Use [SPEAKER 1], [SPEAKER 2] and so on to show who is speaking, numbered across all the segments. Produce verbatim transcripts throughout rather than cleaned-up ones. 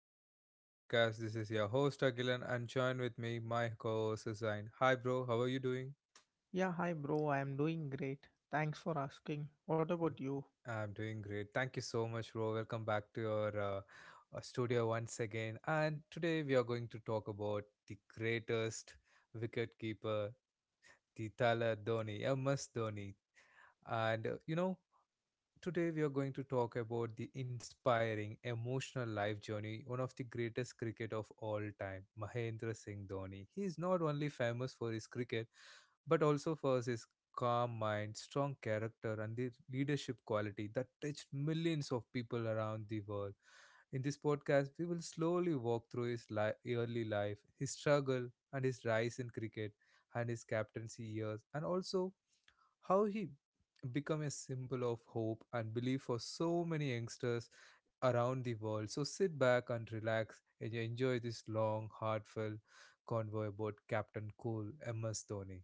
[SPEAKER 1] episode of my podcast. This is your host Agilan and join with me my co-host Zain. Hi bro, how are you doing?
[SPEAKER 2] Yeah, hi bro. I am doing great. Thanks for asking. What about you?
[SPEAKER 1] I'm doing great. Thank you so much bro. Welcome back to your uh, uh, studio once again. And today we are going to talk about the greatest wicket keeper, the Tala Dhoni, M S Dhoni. And uh, you know, Today, we are going to talk about the inspiring, emotional life journey, one of the greatest cricket of all time, Mahendra Singh Dhoni. He is not only famous for his cricket, but also for his calm mind, strong character, and the leadership quality that touched millions of people around the world. In this podcast, we will slowly walk through his li- early life, his struggle, and his rise in cricket, and his captaincy years, and also how he become a symbol of hope and belief for so many youngsters around the world. So sit back and relax and enjoy this long, heartfelt convoy about Captain Cool, M S Dhoni.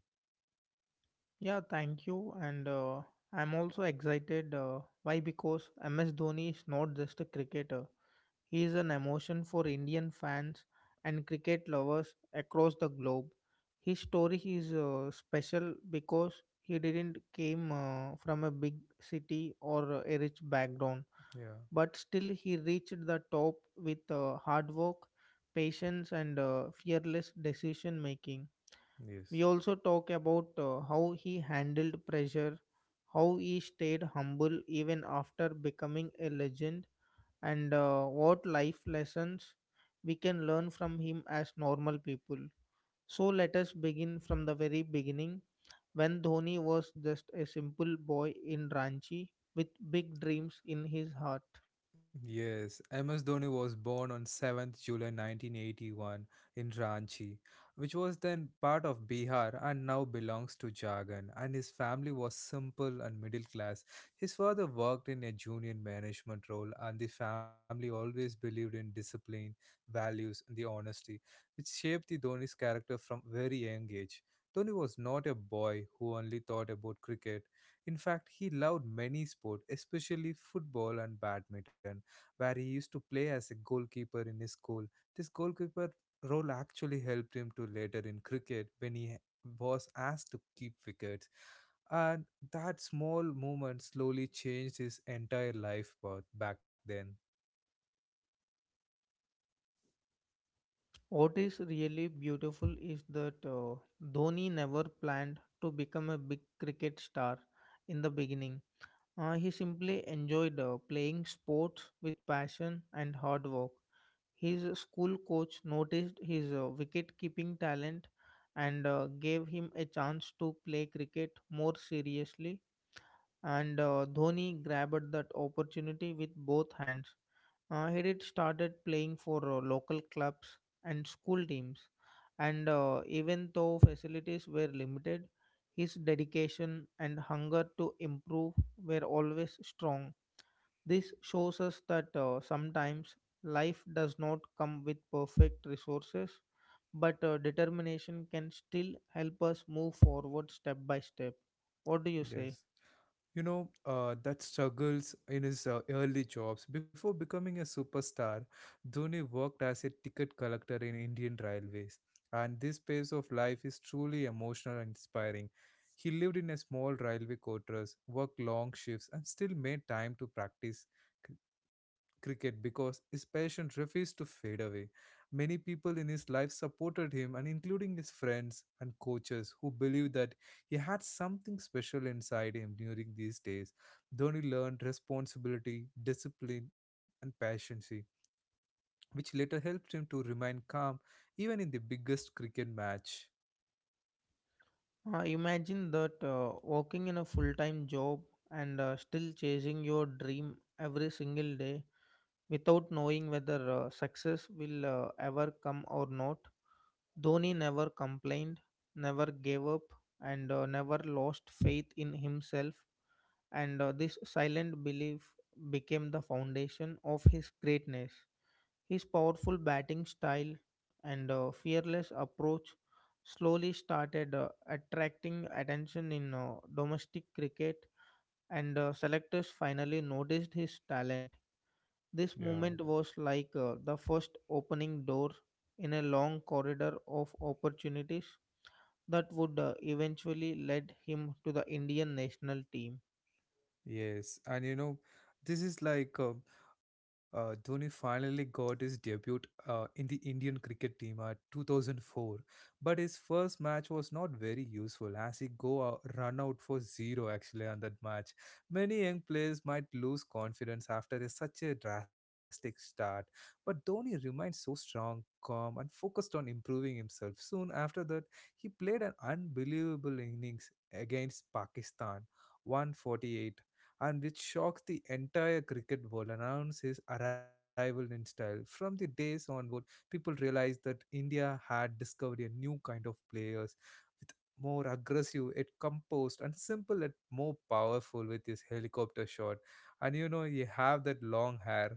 [SPEAKER 2] Yeah, thank you. And uh, I'm also excited. Uh, why? Because M S Dhoni is not just a cricketer. He is an emotion for Indian fans and cricket lovers across the globe. His story is uh, special because he didn't came uh, from a big city or a rich background,
[SPEAKER 1] Yeah.
[SPEAKER 2] but still he reached the top with uh, hard work, patience, and uh, fearless decision making. We
[SPEAKER 1] Yes.
[SPEAKER 2] also talk about uh, how he handled pressure, how he stayed humble even after becoming a legend, and uh, what life lessons we can learn from him as normal people. So let us begin from the very beginning when Dhoni was just a simple boy in Ranchi with big dreams in his heart.
[SPEAKER 1] Yes, M S Dhoni was born on seventh July nineteen eighty-one in Ranchi, which was then part of Bihar and now belongs to Jharkhand. And his family was simple and middle class. His father worked in a junior management role, and the family always believed in discipline, values, and the honesty, which shaped the Dhoni's character from very young age. Dhoni was not a boy who only thought about cricket. In fact, he loved many sports, especially football and badminton where he used to play as a goalkeeper in his school. This goalkeeper role actually helped him to later in cricket when he was asked to keep wickets. And that small moment slowly changed his entire life path back then.
[SPEAKER 2] What is really beautiful is that uh, Dhoni never planned to become a big cricket star in the beginning. Uh, he simply enjoyed uh, playing sports with passion and hard work. His school coach noticed his uh, wicket keeping talent and uh, gave him a chance to play cricket more seriously. And uh, Dhoni grabbed that opportunity with both hands. Uh, he did started playing for uh, local clubs and school teams, and uh, even though facilities were limited, his dedication and hunger to improve were always strong. This shows us that uh, sometimes life does not come with perfect resources, but uh, determination can still help us move forward step by step. What do you say?
[SPEAKER 1] Yes, you know, uh, that struggles in his uh, early jobs. Before becoming a superstar, Dhoni worked as a ticket collector in Indian Railways, and this phase of life is truly emotional and inspiring. He lived in a small railway quarters, worked long shifts, and still made time to practice cricket because his passion refused to fade away. Many people in his life supported him, and including his friends and coaches who believed that he had something special inside him during these days. Dhoni learned responsibility, discipline, and patience, which later helped him to remain calm even in the biggest cricket match.
[SPEAKER 2] Uh, imagine that uh, working in a full time job and uh, still chasing your dream every single day without knowing whether uh, success will uh, ever come or not. Dhoni never complained, never gave up, and uh, never lost faith in himself. And uh, This silent belief became the foundation of his greatness. His powerful batting style and uh, fearless approach slowly started uh, attracting attention in uh, domestic cricket, and uh, selectors finally noticed his talent. This
[SPEAKER 1] Yeah.
[SPEAKER 2] moment was like uh, the first opening door in a long corridor of opportunities that would uh, eventually lead him to the Indian national team.
[SPEAKER 1] Yes, and you know, this is like uh, uh, Dhoni finally got his debut uh, in the Indian cricket team at two thousand four, but his first match was not very useful as he go out, run out for zero actually on that match. Many young players might lose confidence after a, such a drastic start, but Dhoni remained so strong. Calm and focused on improving himself. Soon after that, he played an unbelievable innings against Pakistan, one forty-eight, and which shocked the entire cricket world announced his arrival in style. From the days onward, people realized that India had discovered a new kind of players with more aggressive, yet composed, and simple, yet more powerful with his helicopter shot. And you know, you have that long hair.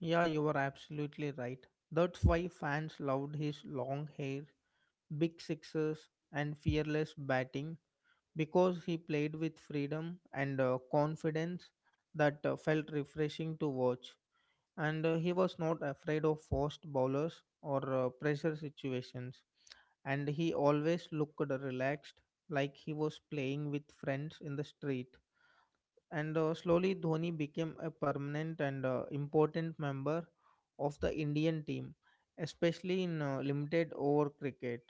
[SPEAKER 2] Yeah, you are absolutely right. That's why fans loved his long hair, big sixes, and fearless batting because he played with freedom and uh, confidence that uh, felt refreshing to watch. And uh, he was not afraid of fast bowlers or uh, pressure situations. And he always looked relaxed, like he was playing with friends in the street. And uh, Slowly, Dhoni became a permanent and uh, important member of the Indian team, especially in uh, limited over cricket.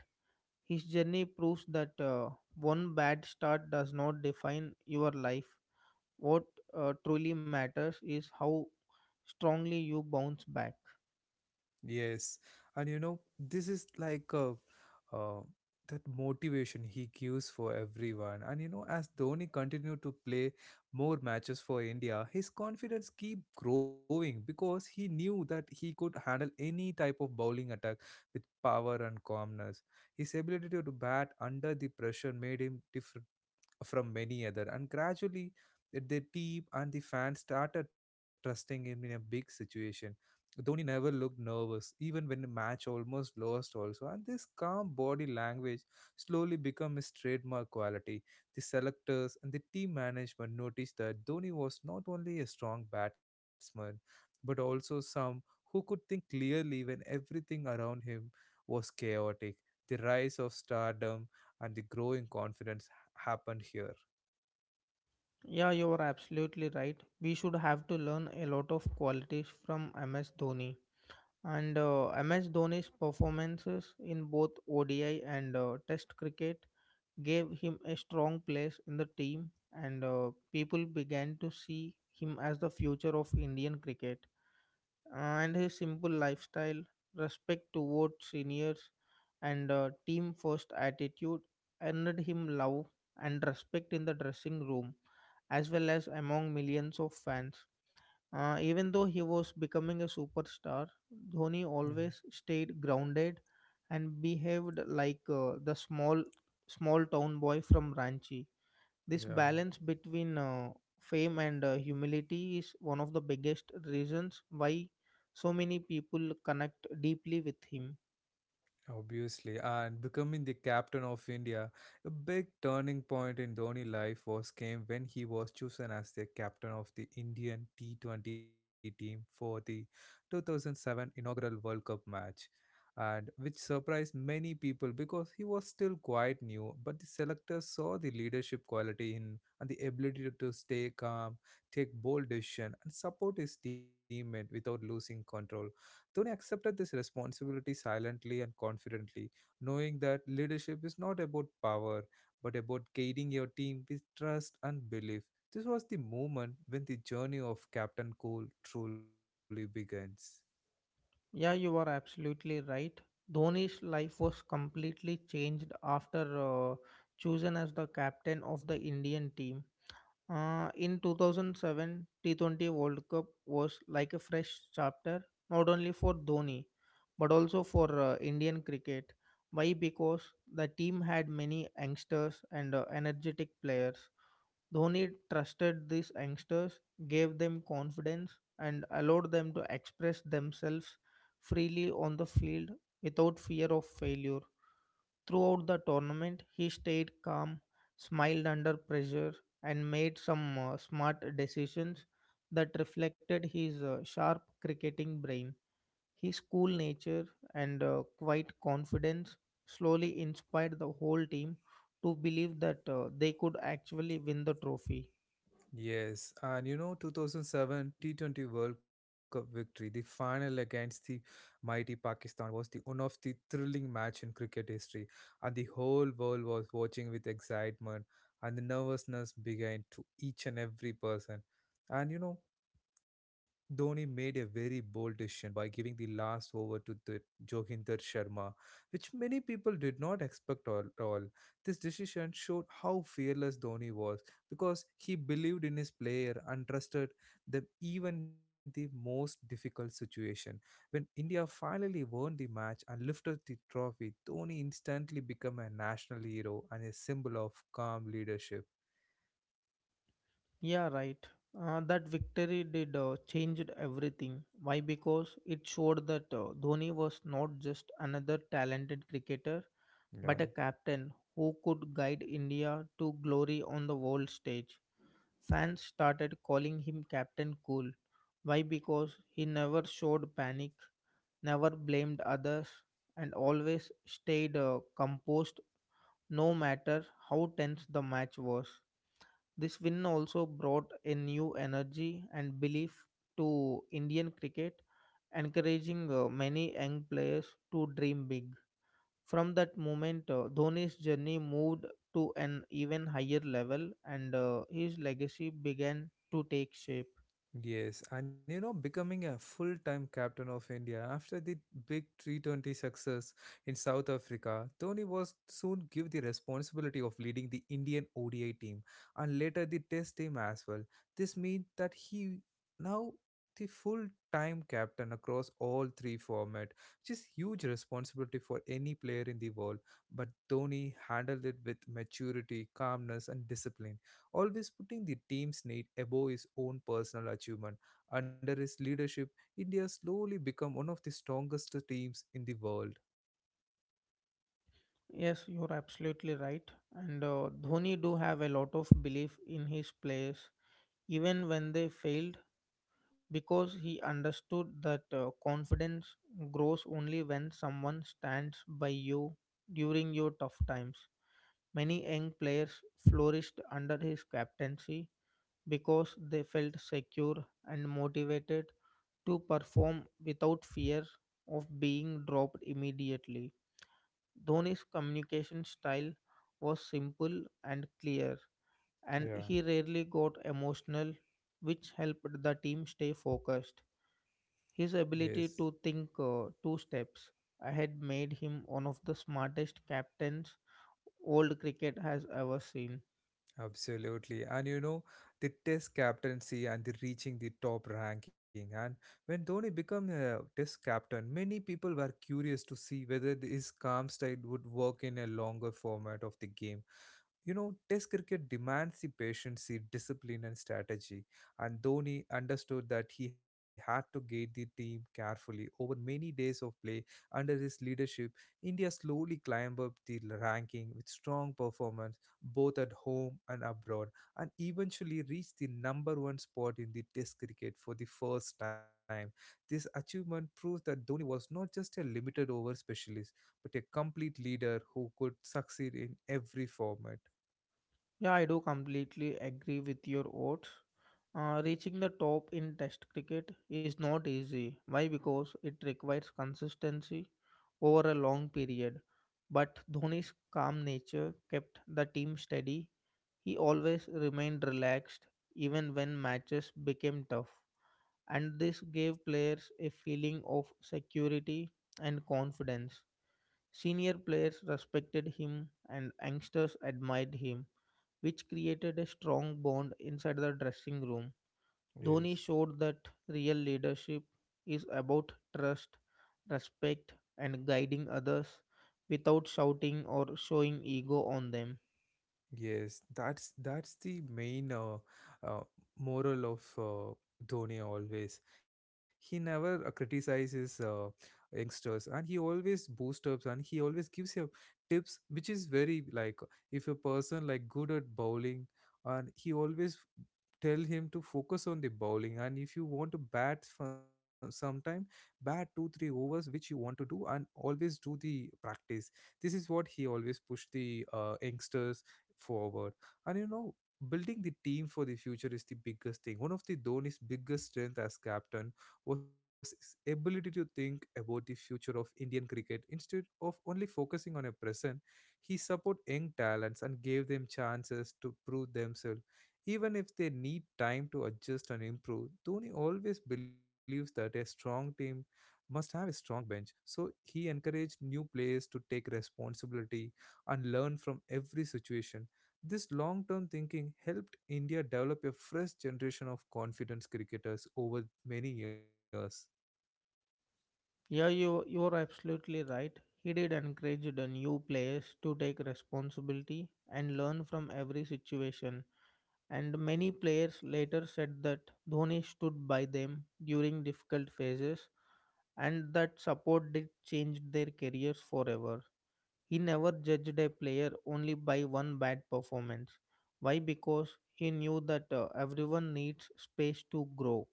[SPEAKER 2] His journey proves that uh, one bad start does not define your life. What uh, truly matters is how strongly you bounce back.
[SPEAKER 1] Yes, and you know, this is like uh, uh, that motivation he gives for everyone. And you know, as Dhoni continued to play more matches for India, his confidence keep growing because he knew that he could handle any type of bowling attack with power and calmness. His ability to bat under the pressure made him different from many other and gradually the team and the fans started trusting him in a big situation. Dhoni never looked nervous, even when the match almost lost also, and this calm body language slowly became his trademark quality. The selectors and the team management noticed that Dhoni was not only a strong batsman, but also some who could think clearly when everything around him was chaotic. The rise of stardom and the growing confidence happened here.
[SPEAKER 2] Yeah, you are absolutely right. We should have to learn a lot of qualities from M S Dhoni. And uh, M S Dhoni's performances in both O D I and uh, Test cricket gave him a strong place in the team, and uh, people began to see him as the future of Indian cricket. And his simple lifestyle, respect towards seniors, and uh, team first attitude earned him love and respect in the dressing room as well as among millions of fans. Uh, even though he was becoming a superstar, Dhoni
[SPEAKER 1] Mhm.
[SPEAKER 2] always stayed grounded and behaved like uh, the small small town boy from Ranchi. This
[SPEAKER 1] Yeah,
[SPEAKER 2] balance between uh, fame and uh, humility is one of the biggest reasons why so many people connect deeply with him.
[SPEAKER 1] obviously. And becoming the captain of India, a big turning point in Dhoni life was came when he was chosen as the captain of the Indian T twenty team for the two thousand seven inaugural World Cup match. And which surprised many people because he was still quite new, but the selectors saw the leadership quality in and the ability to stay calm, take bold decision, and support his teammate without losing control. Dhoni accepted this responsibility silently and confidently, knowing that leadership is not about power but about guiding your team with trust and belief. This was the moment when the journey of Captain Cole truly begins.
[SPEAKER 2] Yeah, you are absolutely right. Dhoni's life was completely changed after uh, chosen as the captain of the Indian team. Uh, in two thousand seven, T twenty World Cup was like a fresh chapter, not only for Dhoni, but also for uh, Indian cricket. Why? Because the team had many youngsters and uh, energetic players. Dhoni trusted these youngsters, gave them confidence, and allowed them to express themselves freely on the field without fear of failure. Throughout the tournament, he stayed calm, smiled under pressure, and made some uh, smart decisions that reflected his uh, sharp cricketing brain. His cool nature and uh, quiet confidence slowly inspired the whole team to believe that uh, they could actually win the trophy.
[SPEAKER 1] Yes, and you know, twenty oh seven T twenty World Cup victory, the final against the mighty Pakistan was the one of the thrilling match in cricket history, and the whole world was watching with excitement, and the nervousness began to each and every person. And you know, Dhoni made a very bold decision by giving the last over to the Joginder Sharma, which many people did not expect at all. This decision showed how fearless Dhoni was because he believed in his player and trusted them even the most difficult situation. When India finally won the match and lifted the trophy, Dhoni instantly became a national hero and a symbol of calm leadership.
[SPEAKER 2] Yeah, right. Uh, that victory did uh, changed everything. Why? Because it showed that uh, Dhoni was not just another talented cricketer
[SPEAKER 1] Yeah.
[SPEAKER 2] but a captain who could guide India to glory on the world stage. Fans started calling him Captain Cool. Why? Because he never showed panic, never blamed others, and always stayed uh, composed no matter how tense the match was. This win also brought a new energy and belief to Indian cricket, encouraging uh, many young players to dream big. From that moment, uh, Dhoni's journey moved to an even higher level and uh, his legacy began to take shape.
[SPEAKER 1] Yes, and you know, becoming a full time captain of India after the big T twenty success in South Africa, Tony was soon given the responsibility of leading the Indian O D I team and later the Test team as well. This means that he now the full time captain across all three format, which is huge responsibility for any player in the world. But Tony handled it with maturity, calmness, and discipline always putting the team's need above his own personal achievement. Under his leadership, India slowly became one of the strongest teams in the world.
[SPEAKER 2] Yes, you're absolutely right. And uh, Dhoni do have a lot of belief in his players, even when they failed, because he understood that uh, confidence grows only when someone stands by you during your tough times. Many young players flourished under his captaincy, because they felt secure and motivated to perform without fear of being dropped immediately. Dhoni's communication style was simple and clear, and
[SPEAKER 1] Yeah,
[SPEAKER 2] he rarely got emotional, which helped the team stay focused. His ability
[SPEAKER 1] yes,
[SPEAKER 2] to think uh, two steps ahead made him one of the smartest captains old cricket has ever seen.
[SPEAKER 1] absolutely. And you know, the test captaincy and the reaching the top ranking. And when Dhoni became a test captain, many people were curious to see whether th- his calm style would work in a longer format of the game. You know, Test cricket demands the patience, the discipline, and strategy. And Dhoni understood that he had to guide the team carefully. Over many days of play, under his leadership, India slowly climbed up the ranking with strong performance both at home and abroad, and eventually reached the number one spot in the Test cricket for the first time. This achievement proves that Dhoni was not just a limited over specialist, but a complete leader who could succeed in every format.
[SPEAKER 2] Yeah, I do completely agree with your odds. Uh, reaching the top in Test cricket is not easy. Why? Because it requires consistency over a long period. But Dhoni's calm nature kept the team steady. He always remained relaxed even when matches became tough. And this gave players a feeling of security and confidence. Senior players respected him and youngsters admired him, which created a strong bond inside the dressing room. Dhoni
[SPEAKER 1] Yes.
[SPEAKER 2] showed that real leadership is about trust, respect, and guiding others without shouting or showing ego on them.
[SPEAKER 1] Yes, that's that's the main uh, uh, moral of uh, Dhoni always. He never uh, criticizes uh, youngsters and he always boosts up and he always gives you tips which is very like if a person like good at bowling and he always tell him to focus on the bowling and if you want to bat for sometime bat two three overs which you want to do and always do the practice. This is what he always push the uh, youngsters forward. And you know, building the team for the future is the biggest thing. One of the Dhoni's biggest strength as captain was his ability to think about the future of Indian cricket instead of only focusing on a present. He supported young talents and gave them chances to prove themselves. Even if they need time to adjust and improve, Dhoni always believes that a strong team must have a strong bench. So he encouraged new players to take responsibility and learn from every situation. This long term thinking helped India develop a fresh generation of confidence cricketers over many years.
[SPEAKER 2] Yeah, you, you're absolutely right. He did encourage the new players to take responsibility and learn from every situation. And many players later said that Dhoni stood by them during difficult phases and that support did change their careers forever. He never judged a player only by one bad performance. Why? Because he knew that uh, everyone needs space to grow.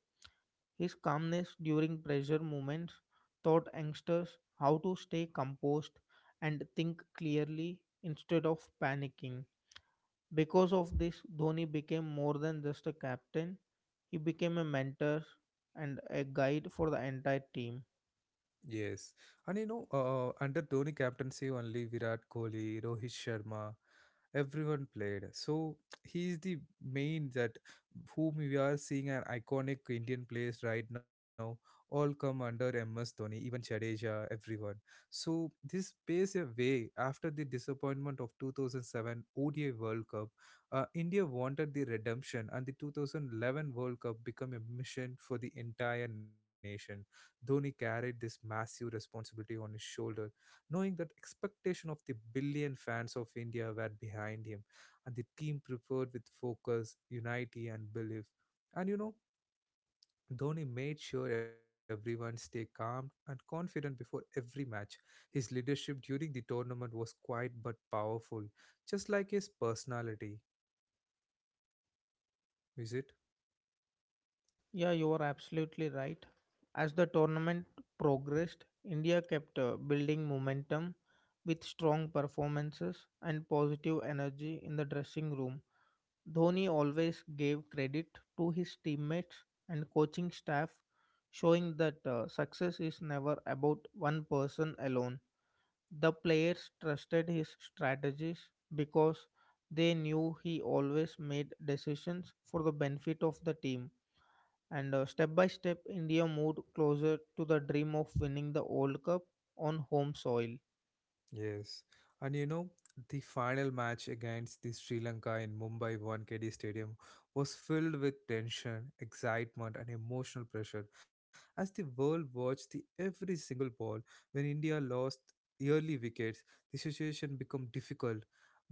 [SPEAKER 2] His calmness during pressure moments taught youngsters how to stay composed and think clearly instead of panicking. Because of this, Dhoni became more than just a captain, he became a mentor and a guide for the entire team.
[SPEAKER 1] Yes, and you know, uh, under Dhoni captaincy, only Virat Kohli, Rohit Sharma, everyone played. So he is the main that whom we are seeing an iconic Indian players right now. All come under M S Dhoni, even Jadeja, everyone. So this paves a way after the disappointment of two thousand seven O D I World Cup. Uh, India wanted the redemption, and the two thousand eleven World Cup become a mission for the entire nation. Dhoni carried this massive responsibility on his shoulder, knowing that expectation of the billion fans of India were behind him, and the team prepared with focus, unity, and belief. And you know, Dhoni made sure everyone stay calm and confident before every match. His leadership during the tournament was quiet but powerful, just like his personality. Is it?
[SPEAKER 2] Yeah, you are absolutely right. As the tournament progressed, India kept uh, building momentum with strong performances and positive energy in the dressing room. Dhoni always gave credit to his teammates and coaching staff, showing that uh, success is never about one person alone. The players trusted his strategies because they knew he always made decisions for the benefit of the team, and uh, step by step, India moved closer to the dream of winning the World Cup on home soil.
[SPEAKER 1] Yes, and you know, the final match against the Sri Lanka in Mumbai one K D Stadium was filled with tension, excitement, and emotional pressure as the world watched the every single ball. When India lost early wickets, the situation became difficult,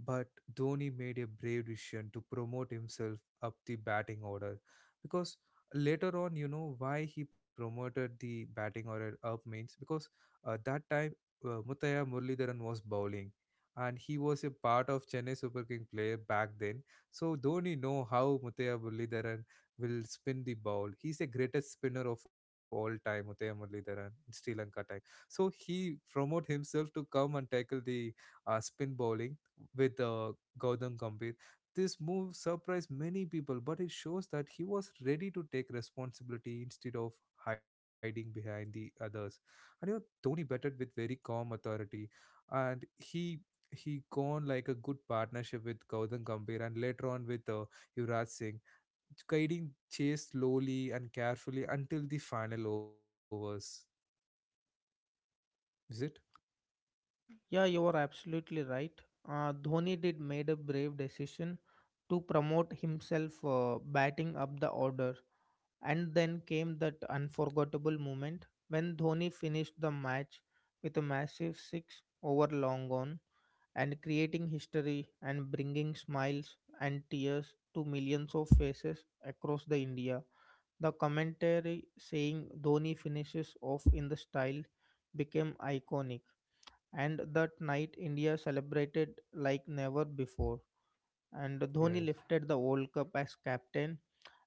[SPEAKER 1] but Dhoni made a brave decision to promote himself up the batting order because later on, you know, why he promoted the batting order up means because uh, that time uh, Muthaiya Muralidharan was bowling, and he was a part of Chennai Super King player back then. So Dhoni know how Muthaiya Muralidharan will spin the ball. He's the greatest spinner of all time, Muthaiya Muralidharan in Sri Lanka time. So he promote himself to come and tackle the uh, spin bowling with uh, Gautam Gambhir. This move surprised many people, but it shows that he was ready to take responsibility instead of hiding behind the others. And you know, Tony batted with very calm authority, and he he gone like a good partnership with Gautam Gambhir and later on with uh, Yuvraj Singh, guiding chase slowly and carefully until the final overs. Is it?
[SPEAKER 2] Yeah, you are absolutely right. Uh, Dhoni did made a brave decision to promote himself uh, batting up the order. And then came that unforgettable moment when Dhoni finished the match with a massive six over long on, and creating history and bringing smiles and tears to millions of faces across the India. The commentary saying "Dhoni finishes off in the style" became iconic, and that night India celebrated like never before. And Dhoni
[SPEAKER 1] Yes.
[SPEAKER 2] lifted the World Cup as captain,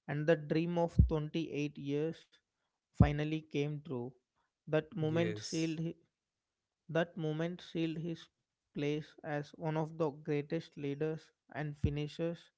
[SPEAKER 2] and the dream of twenty-eight years finally came true. That
[SPEAKER 1] Yes.
[SPEAKER 2] moment sealed hi- that moment sealed his place as one of the greatest leaders and finishers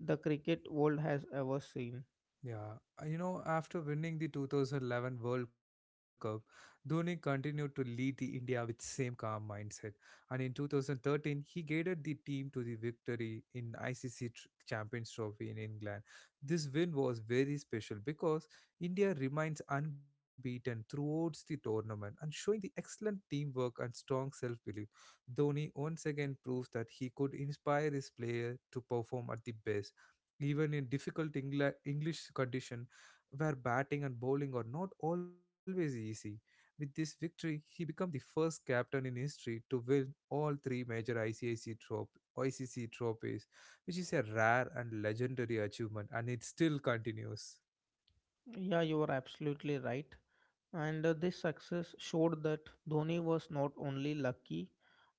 [SPEAKER 2] the cricket world has ever seen.
[SPEAKER 1] Yeah, uh, you know, after winning the twenty eleven World Cup, Dhoni continued to lead the India with same calm mindset. And in two thousand thirteen, he guided the team to the victory in I C C tr- Champions Trophy in England. This win was very special because India remains unbeaten throughout the tournament and showing the excellent teamwork and strong self-belief. Dhoni once again proves that he could inspire his player to perform at the best even in difficult Engla- English condition where batting and bowling are not always easy. With this victory, he became the first captain in history to win all three major I C I C, trop- I C C trophies, which is a rare and legendary achievement, and it still continues.
[SPEAKER 2] Yeah, you are absolutely right. And uh, this success showed that Dhoni was not only lucky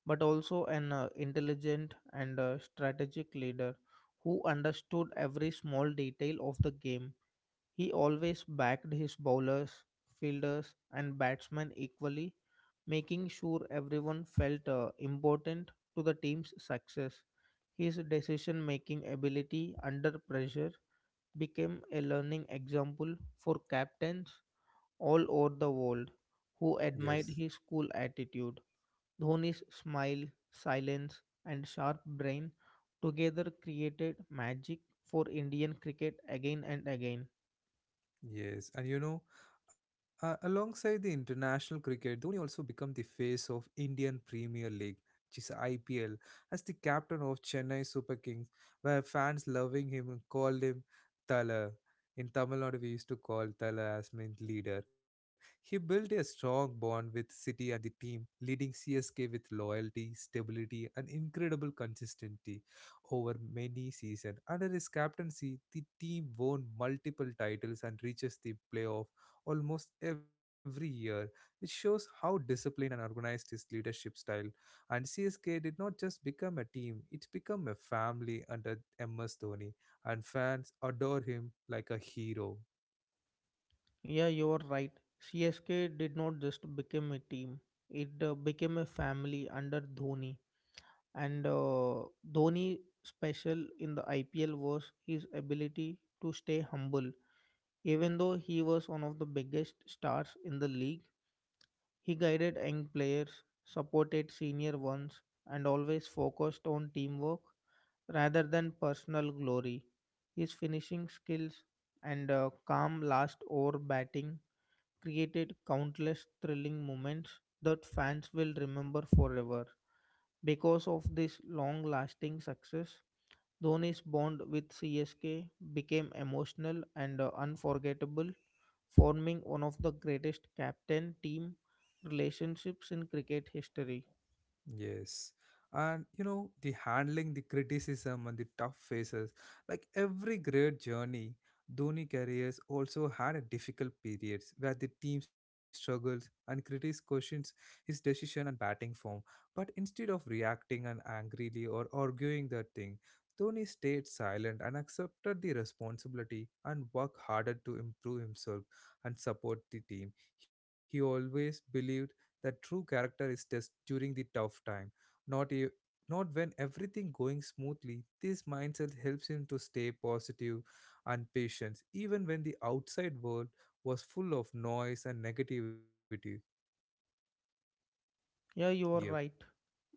[SPEAKER 2] but also an uh, intelligent and uh, strategic leader who understood every small detail of the game. He always backed his bowlers, fielders, and batsmen equally, making sure everyone felt uh, important to the team's success. His decision making ability under pressure became a learning example for captains all over the world who admired
[SPEAKER 1] Yes.
[SPEAKER 2] his cool attitude. Dhoni's smile, silence, and sharp brain together created magic for Indian cricket again and again.
[SPEAKER 1] Yes, and you know, uh, alongside the international cricket, Dhoni also became the face of Indian Premier League, which is I P L, as the captain of Chennai Super Kings, where fans loving him and called him Tala. In Tamil Nadu, we used to call Tala as meant leader. He built a strong bond with City and the team, leading C S K with loyalty, stability, and incredible consistency over many seasons. Under his captaincy, the team won multiple titles and reaches the playoff almost every year, which shows how disciplined and organized his leadership style. And C S K did not just become a team, it became a family under M S Dhoni, and fans adore him like a hero.
[SPEAKER 2] Yeah, you are right. C S K did not just become a team, it uh, became a family under Dhoni. And uh, Dhoni special in the I P L was his ability to stay humble. Even though he was one of the biggest stars in the league, he guided young players, supported senior ones, and always focused on teamwork rather than personal glory. His finishing skills and uh, calm last over batting created countless thrilling moments that fans will remember forever. Because of this long lasting success, Dhoni's bond with C S K became emotional and uh, unforgettable, forming one of the greatest captain team relationships in cricket history.
[SPEAKER 1] Yes. And you know, the handling the criticism and the tough phases, like every great journey, Dhoni careers also had a difficult periods where the team struggles and critics questions his decision and batting form. But instead of reacting and angrily or arguing that thing, Dhoni stayed silent and accepted the responsibility and worked harder to improve himself and support the team. He always believed that true character is test during the tough time, not e- not when everything going smoothly. This mindset helps him to stay positive and patient, even when the outside world was full of noise and negativity.
[SPEAKER 2] Yeah, you are
[SPEAKER 1] Yep.
[SPEAKER 2] right.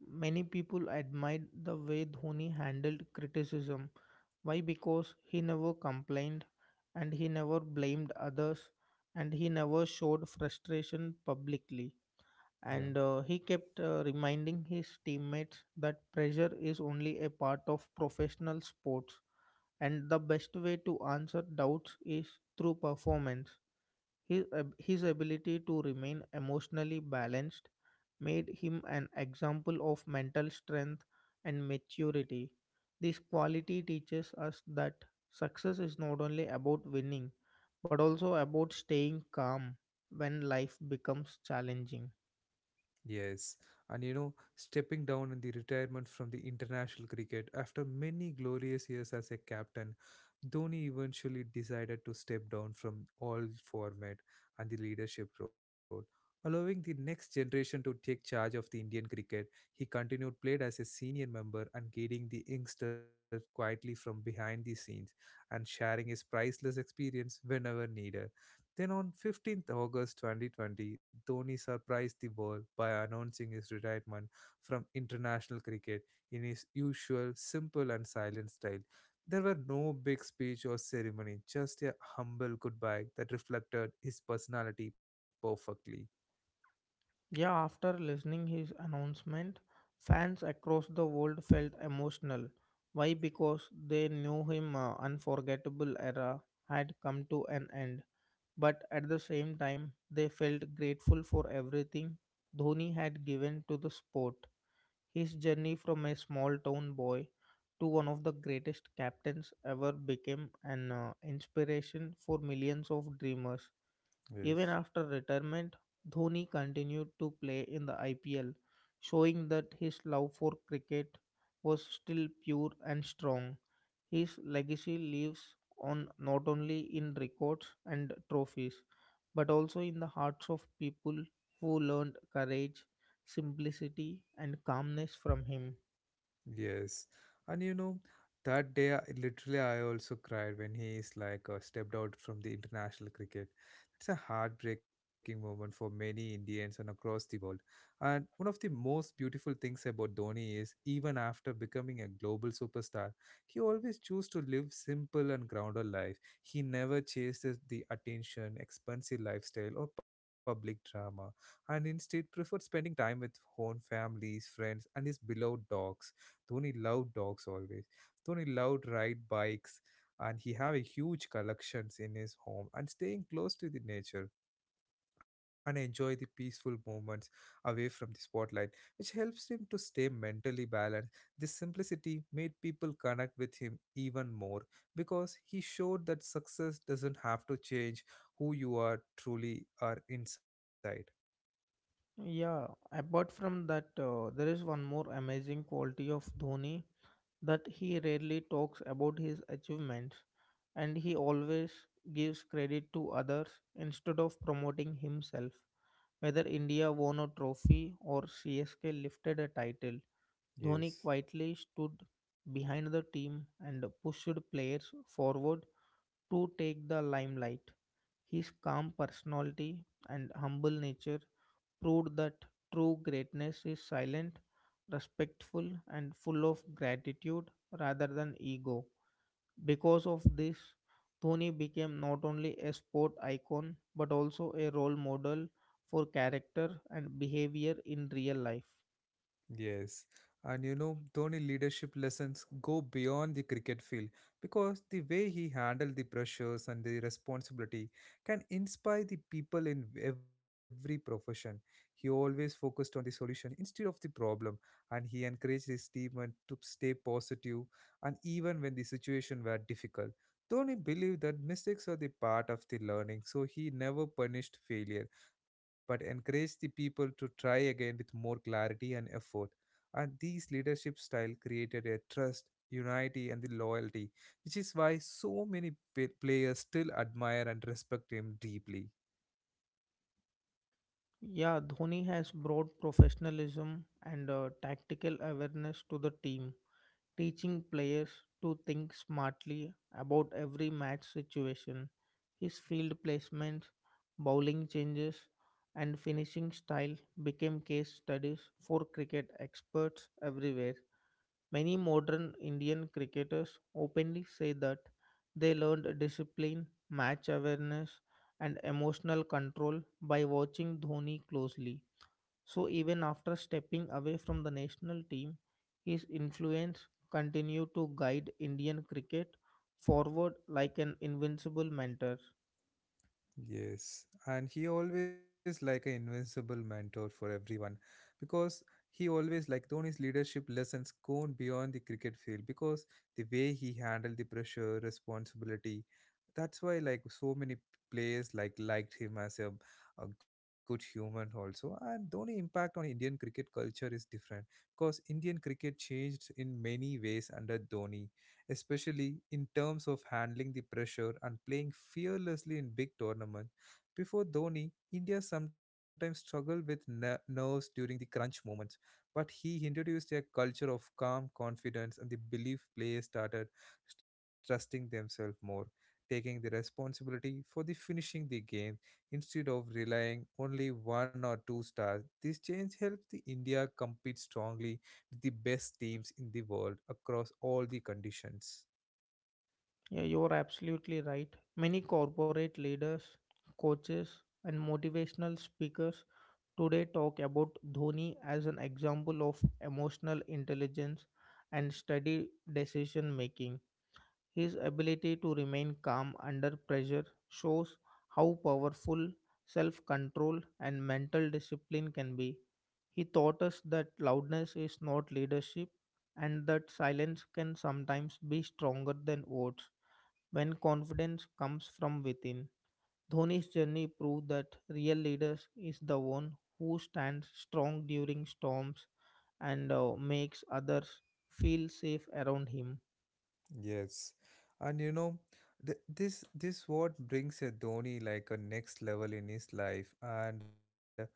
[SPEAKER 2] Many people admired the way Dhoni handled criticism. Why? Because he never complained and he never blamed others and he never showed frustration publicly.
[SPEAKER 1] Yeah.
[SPEAKER 2] And uh, he kept uh, reminding his teammates that pressure is only a part of professional sports and the best way to answer doubts is through performance. His, ab- his ability to remain emotionally balanced made him an example of mental strength and maturity. This quality teaches us that success is not only about winning but also about staying calm when life becomes challenging.
[SPEAKER 1] Yes, and you know, stepping down in the retirement from the international cricket after many glorious years as a captain, Dhoni eventually decided to step down from all format and the leadership role, allowing the next generation to take charge of the Indian cricket. He continued played as a senior member and guiding the youngsters quietly from behind the scenes and sharing his priceless experience whenever needed. Then on fifteenth August twenty twenty, Dhoni surprised the world by announcing his retirement from international cricket in his usual simple and silent style. There were no big speech or ceremony, just a humble goodbye that reflected his personality perfectly.
[SPEAKER 2] Yeah, after listening his announcement, fans across the world felt emotional. Why? Because they knew him uh, unforgettable era had come to an end, but at the same time, they felt grateful for everything Dhoni had given to the sport. His journey from a small town boy to one of the greatest captains ever became an uh, inspiration for millions of dreamers. Even
[SPEAKER 1] Yes.
[SPEAKER 2] after retirement, Dhoni continued to play in the I P L, showing that his love for cricket was still pure and strong. His legacy lives on not only in records and trophies, but also in the hearts of people who learned courage, simplicity, and calmness from him.
[SPEAKER 1] Yes. And you know, that day, I- literally, I also cried when he is like uh, stepped out from the international cricket. It's a heartbreaking moment for many Indians and across the world. And one of the most beautiful things about Dhoni is even after becoming a global superstar, he always chose to live simple and grounded life. He never chased the the attention, expensive lifestyle, or public drama, and instead preferred spending time with own families, friends, and his beloved dogs. Dhoni loved dogs always. Dhoni loved ride bikes and he have a huge collections in his home and staying close to the nature and enjoy the peaceful moments away from the spotlight, which helps him to stay mentally balanced. This simplicity made people connect with him even more because he showed that success doesn't have to change who you are truly are inside.
[SPEAKER 2] Yeah, apart from that, uh, there is one more amazing quality of Dhoni that he rarely talks about his achievements and he always gives credit to others instead of promoting himself. Whether India won a trophy or C S K lifted a title, Dhoni
[SPEAKER 1] Yes.
[SPEAKER 2] quietly stood behind the team and pushed players forward to take the limelight. His calm personality and humble nature proved that true greatness is silent, respectful, and full of gratitude rather than ego. Because of this, Dhoni became not only a sport icon but also a role model for character and behavior in real life.
[SPEAKER 1] Yes, and you know, Dhoni leadership lessons go beyond the cricket field because the way he handled the pressures and the responsibility can inspire the people in every profession. He always focused on the solution instead of the problem, and he encouraged his team and to stay positive and even when the situation were difficult. Dhoni believed that mistakes are the part of the learning, so he never punished failure but encouraged the people to try again with more clarity and effort, and these leadership style created a trust, unity, and the loyalty, which is why so many pa- players still admire and respect him deeply.
[SPEAKER 2] Yeah, Dhoni has brought professionalism and uh, tactical awareness to the team, teaching players to think smartly about every match situation. His field placements, bowling changes, and finishing style became case studies for cricket experts everywhere. Many modern Indian cricketers openly say that they learned discipline, match awareness, and emotional control by watching Dhoni closely. So even after stepping away from the national team, his influence continued to guide Indian cricket forward like an invincible mentor.
[SPEAKER 1] Yes, and he always like an invincible mentor for everyone because he always like Dhoni's leadership lessons go beyond the cricket field because the way he handled the pressure, responsibility. That's why like so many players like liked him as a, a good human also. And Dhoni impact on Indian cricket culture is different because Indian cricket changed in many ways under Dhoni, especially in terms of handling the pressure and playing fearlessly in big tournaments. Before Dhoni, India sometimes struggled with ner- nerves during the crunch moments, but he introduced a culture of calm confidence and the belief players started trusting themselves more, taking the responsibility for the finishing the game instead of relying only one or two stars. This change helped the India compete strongly with the best teams in the world across all the conditions.
[SPEAKER 2] Yeah, you're absolutely right. Many corporate leaders, coaches, and motivational speakers today talk about Dhoni as an example of emotional intelligence and steady decision making. His ability to remain calm under pressure shows how powerful self control and mental discipline can be. He taught us that loudness is not leadership and that silence can sometimes be stronger than words when confidence comes from within. Dhoni's journey proved that real leaders is the one who stands strong during storms and uh, makes others feel safe around him.
[SPEAKER 1] Yes, and you know, th- this this what brings a Dhoni like a next level in his life, and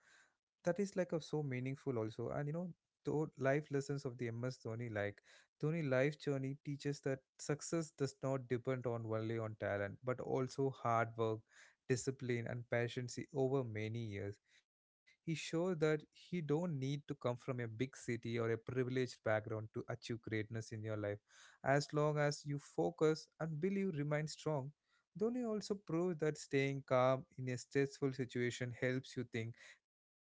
[SPEAKER 1] that is like a so meaningful also. And you know, the life lessons of the MS Dhoni, like Dhoni life journey teaches that success does not depend on only on talent but also hard work, discipline, and patience. Over many years he showed that he don't need to come from a big city or a privileged background to achieve greatness in your life, as long as you focus and believe remain strong. Dhoni also proved that staying calm in a stressful situation helps you think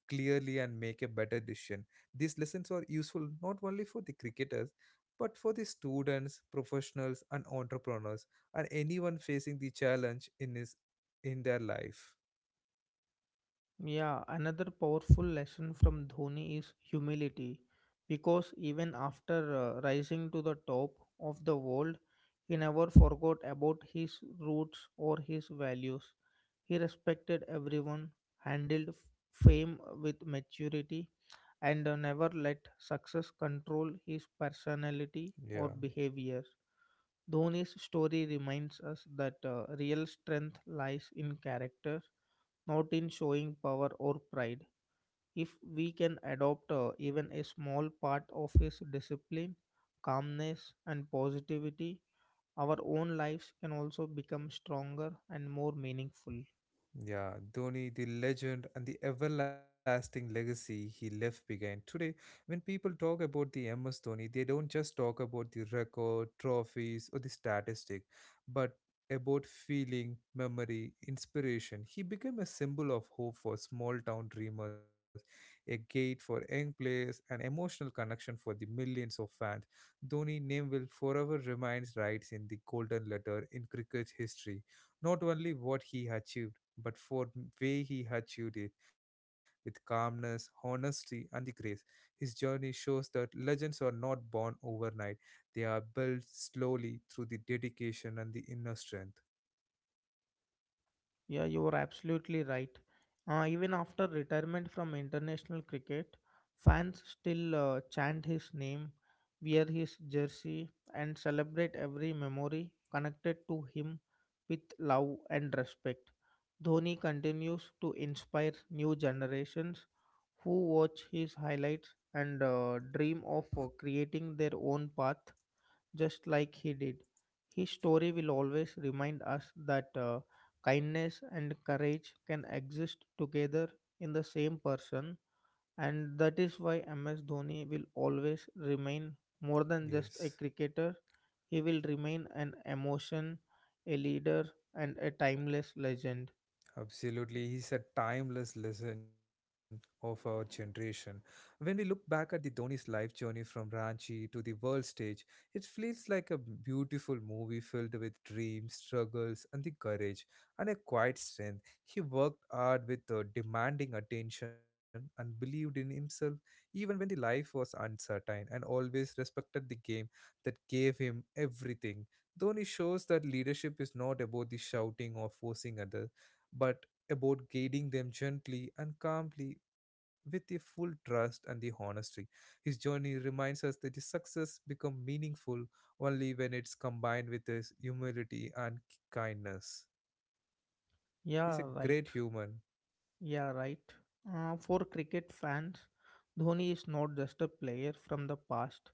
[SPEAKER 1] clearly and make a better decision. These lessons are useful not only for the cricketers but for the students, professionals, and entrepreneurs, and anyone facing the challenge in his in their life.
[SPEAKER 2] Yeah, another powerful lesson from Dhoni is humility because even after uh, rising to the top of the world, he never forgot about his roots or his values. He respected everyone, handled f- fame with maturity, and uh, never let success control his personality or
[SPEAKER 1] Yeah.
[SPEAKER 2] behavior. Dhoni's story reminds us that uh, real strength lies in character, not in showing power or pride. If we can adopt uh, even a small part of his discipline, calmness, and positivity, our own lives can also become stronger and more meaningful.
[SPEAKER 1] Yeah, Dhoni, the legend and the everlasting legacy he left behind. Today, when people talk about the M S Dhoni, they don't just talk about the record, trophies, or the statistic, but about feeling, memory, inspiration. He became a symbol of hope for small town dreamers, a gate for young players, an emotional connection for the millions of fans. Dhoni name will forever remain writes in the golden letter in cricket history. Not only what he achieved but for way he achieved it with calmness, honesty, and the grace. His journey shows that legends are not born overnight; they are built slowly through the dedication and the inner strength.
[SPEAKER 2] Yeah, you are absolutely right. Uh, even after retirement from international cricket, fans still uh, chant his name, wear his jersey, and celebrate every memory connected to him with love and respect. Dhoni continues to inspire new generations who watch his highlights and uh, dream of uh, creating their own path just like he did. His story will always remind us that uh, kindness and courage can exist together in the same person, and that is why M S Dhoni will always remain more than just a
[SPEAKER 1] Yes.
[SPEAKER 2] cricketer. He will remain an emotion, a leader, and a timeless legend.
[SPEAKER 1] Absolutely, he's a timeless lesson of our generation. When we look back at the Dhoni's life journey from Ranchi to the world stage, it feels like a beautiful movie filled with dreams, struggles, and the courage and a quiet strength. He worked hard with uh, demanding attention and believed in himself even when the life was uncertain and always respected the game that gave him everything. Dhoni shows that leadership is not about the shouting or forcing others but about guiding them gently and calmly with the full trust and the honesty. His journey reminds us that the success become meaningful only when it's combined with his humility and kindness. He's a
[SPEAKER 2] Yeah, right.
[SPEAKER 1] great human.
[SPEAKER 2] Yeah, right. Uh, for cricket fans, Dhoni is not just a player from the past,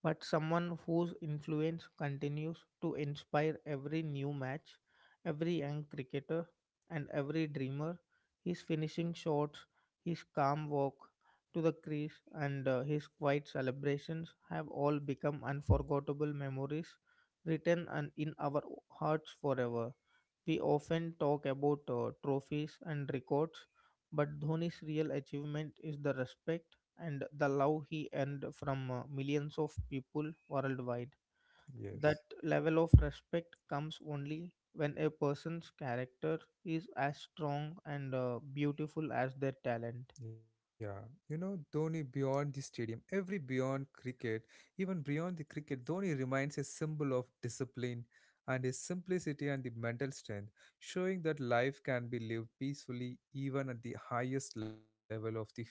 [SPEAKER 2] but someone whose influence continues to inspire every new match, every young cricketer, and every dreamer. His finishing shots, his calm walk to the crease, and uh, his quiet celebrations have all become unforgettable memories written and in our hearts forever. We often talk about uh, trophies and records, but Dhoni's real achievement is the respect and the love he earned from uh, millions of people worldwide. That
[SPEAKER 1] Yes.
[SPEAKER 2] level of respect comes only when a person's character is as strong and uh, beautiful as their talent.
[SPEAKER 1] Yeah, you know, Dhoni beyond the stadium, every beyond cricket, even beyond the cricket, Dhoni remains a symbol of discipline and his simplicity and the mental strength, showing that life can be lived peacefully even at the highest level of the fame.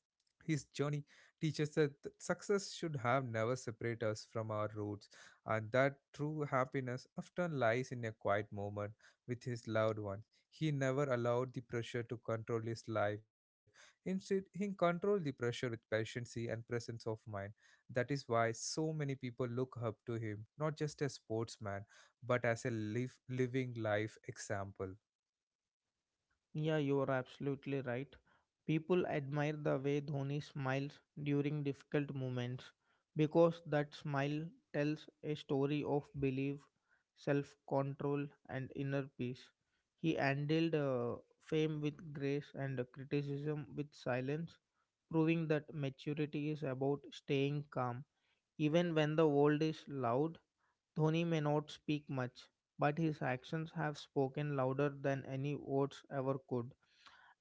[SPEAKER 1] His journey teaches us that th- success should have never separate us from our roots, and that true happiness often lies in a quiet moment with his loved ones. He never allowed the pressure to control his life. Instead, he controlled the pressure with patience and presence of mind. That is why so many people look up to him, not just as sportsman, but as a live, living life example.
[SPEAKER 2] Yeah, you are absolutely right. People admire the way Dhoni smiles during difficult moments because that smile tells a story of belief, self control, and inner peace. He handled uh, fame with grace and criticism with silence, proving that maturity is about staying calm. Even when the world is loud, Dhoni may not speak much, but his actions have spoken louder than any words ever could,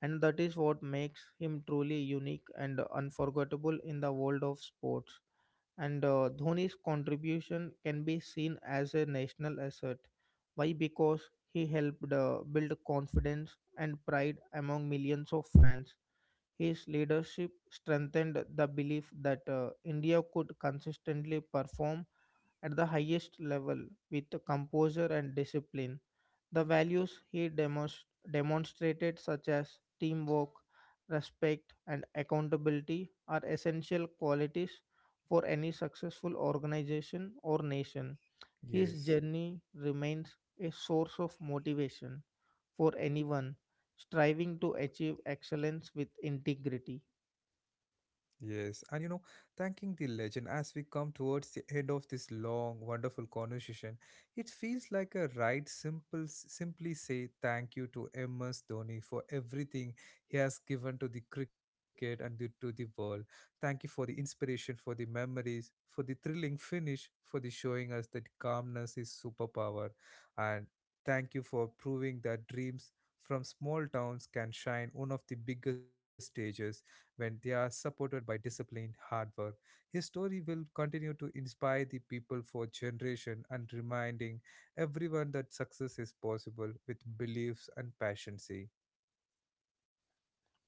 [SPEAKER 2] and that is what makes him truly unique and unforgettable in the world of sports. And uh, Dhoni's contribution can be seen as a national asset. Why? Because he helped uh, build confidence and pride among millions of fans. His leadership strengthened the belief that uh, India could consistently perform at the highest level with composure and discipline. The values he demos- demonstrated, such as teamwork, respect, and accountability, are essential qualities for any successful organization or nation. His
[SPEAKER 1] Yes.
[SPEAKER 2] journey remains a source of motivation for anyone striving to achieve excellence with integrity.
[SPEAKER 1] Yes, and you know, thanking the legend as we come towards the end of this long, wonderful conversation, it feels like a right simple simply say thank you to M S Dhoni for everything he has given to the cricket and the, to the world. Thank you for the inspiration, for the memories, for the thrilling finish, for the showing us that calmness is superpower, and thank you for proving that dreams from small towns can shine on of the biggest stages when they are supported by disciplined hard work. His story will continue to inspire the people for generation and reminding everyone that success is possible with beliefs and passion.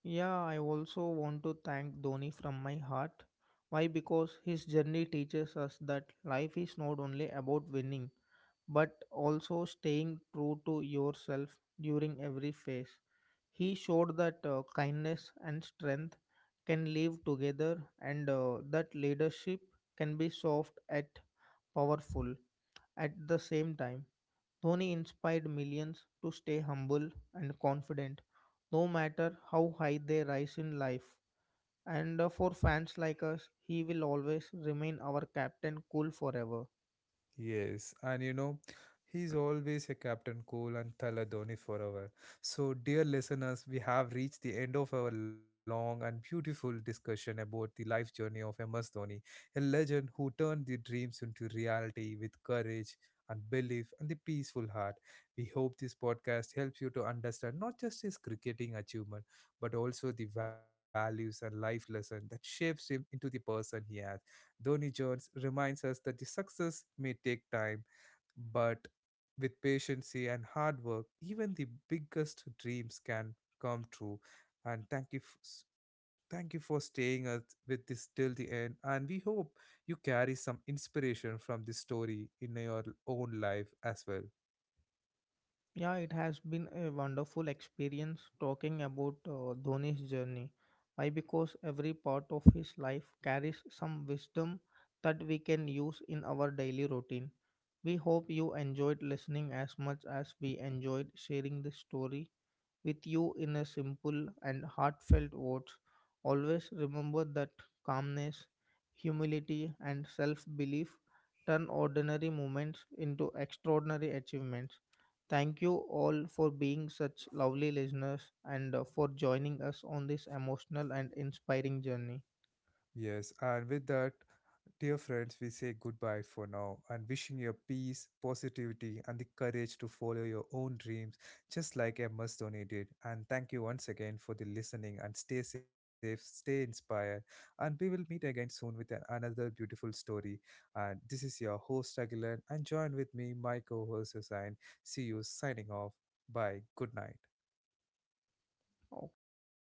[SPEAKER 2] Yeah, I also want to thank Dhoni from my heart. Why? Because his journey teaches us that life is not only about winning, but also staying true to yourself during every phase. He showed that uh, kindness and strength can live together and uh, that leadership can be soft yet powerful at the same time. Dhoni inspired millions to stay humble and confident, no matter how high they rise in life. And uh, For fans like us, he will always remain our captain cool forever.
[SPEAKER 1] Yes, and you know, he's always a Captain Cool and Thala Dhoni forever. So, dear listeners, we have reached the end of our long and beautiful discussion about the life journey of M S Dhoni, a legend who turned the dreams into reality with courage and belief and the peaceful heart. We hope this podcast helps you to understand not just his cricketing achievement, but also the values and life lesson that shapes him into the person he is. Donny Jones reminds us that the success may take time, but with patience and hard work, even the biggest dreams can come true. And thank you, f- s- thank you for staying us- with this till the end. And we hope you carry some inspiration from this story in your own life as well.
[SPEAKER 2] Yeah, it has been a wonderful experience talking about uh, Dhoni's journey. Why? Because every part of his life carries some wisdom that we can use in our daily routine. We hope you enjoyed listening as much as we enjoyed sharing this story with you in a simple and heartfelt words. Always remember that calmness, humility, and self belief turn ordinary moments into extraordinary achievements. Thank you all for being such lovely listeners and uh, for joining us on this emotional and inspiring journey.
[SPEAKER 1] Yes, and with that, dear friends, we say goodbye for now and wishing you peace, positivity, and the courage to follow your own dreams, just like Emma Stoney did. And thank you once again for the listening and stay safe, stay inspired. And we will meet again soon with an- another beautiful story. And this is your host, Aguilan, and join with me, my co host, Hussain. See you signing off. Bye. Good night.
[SPEAKER 2] Okay, thank you.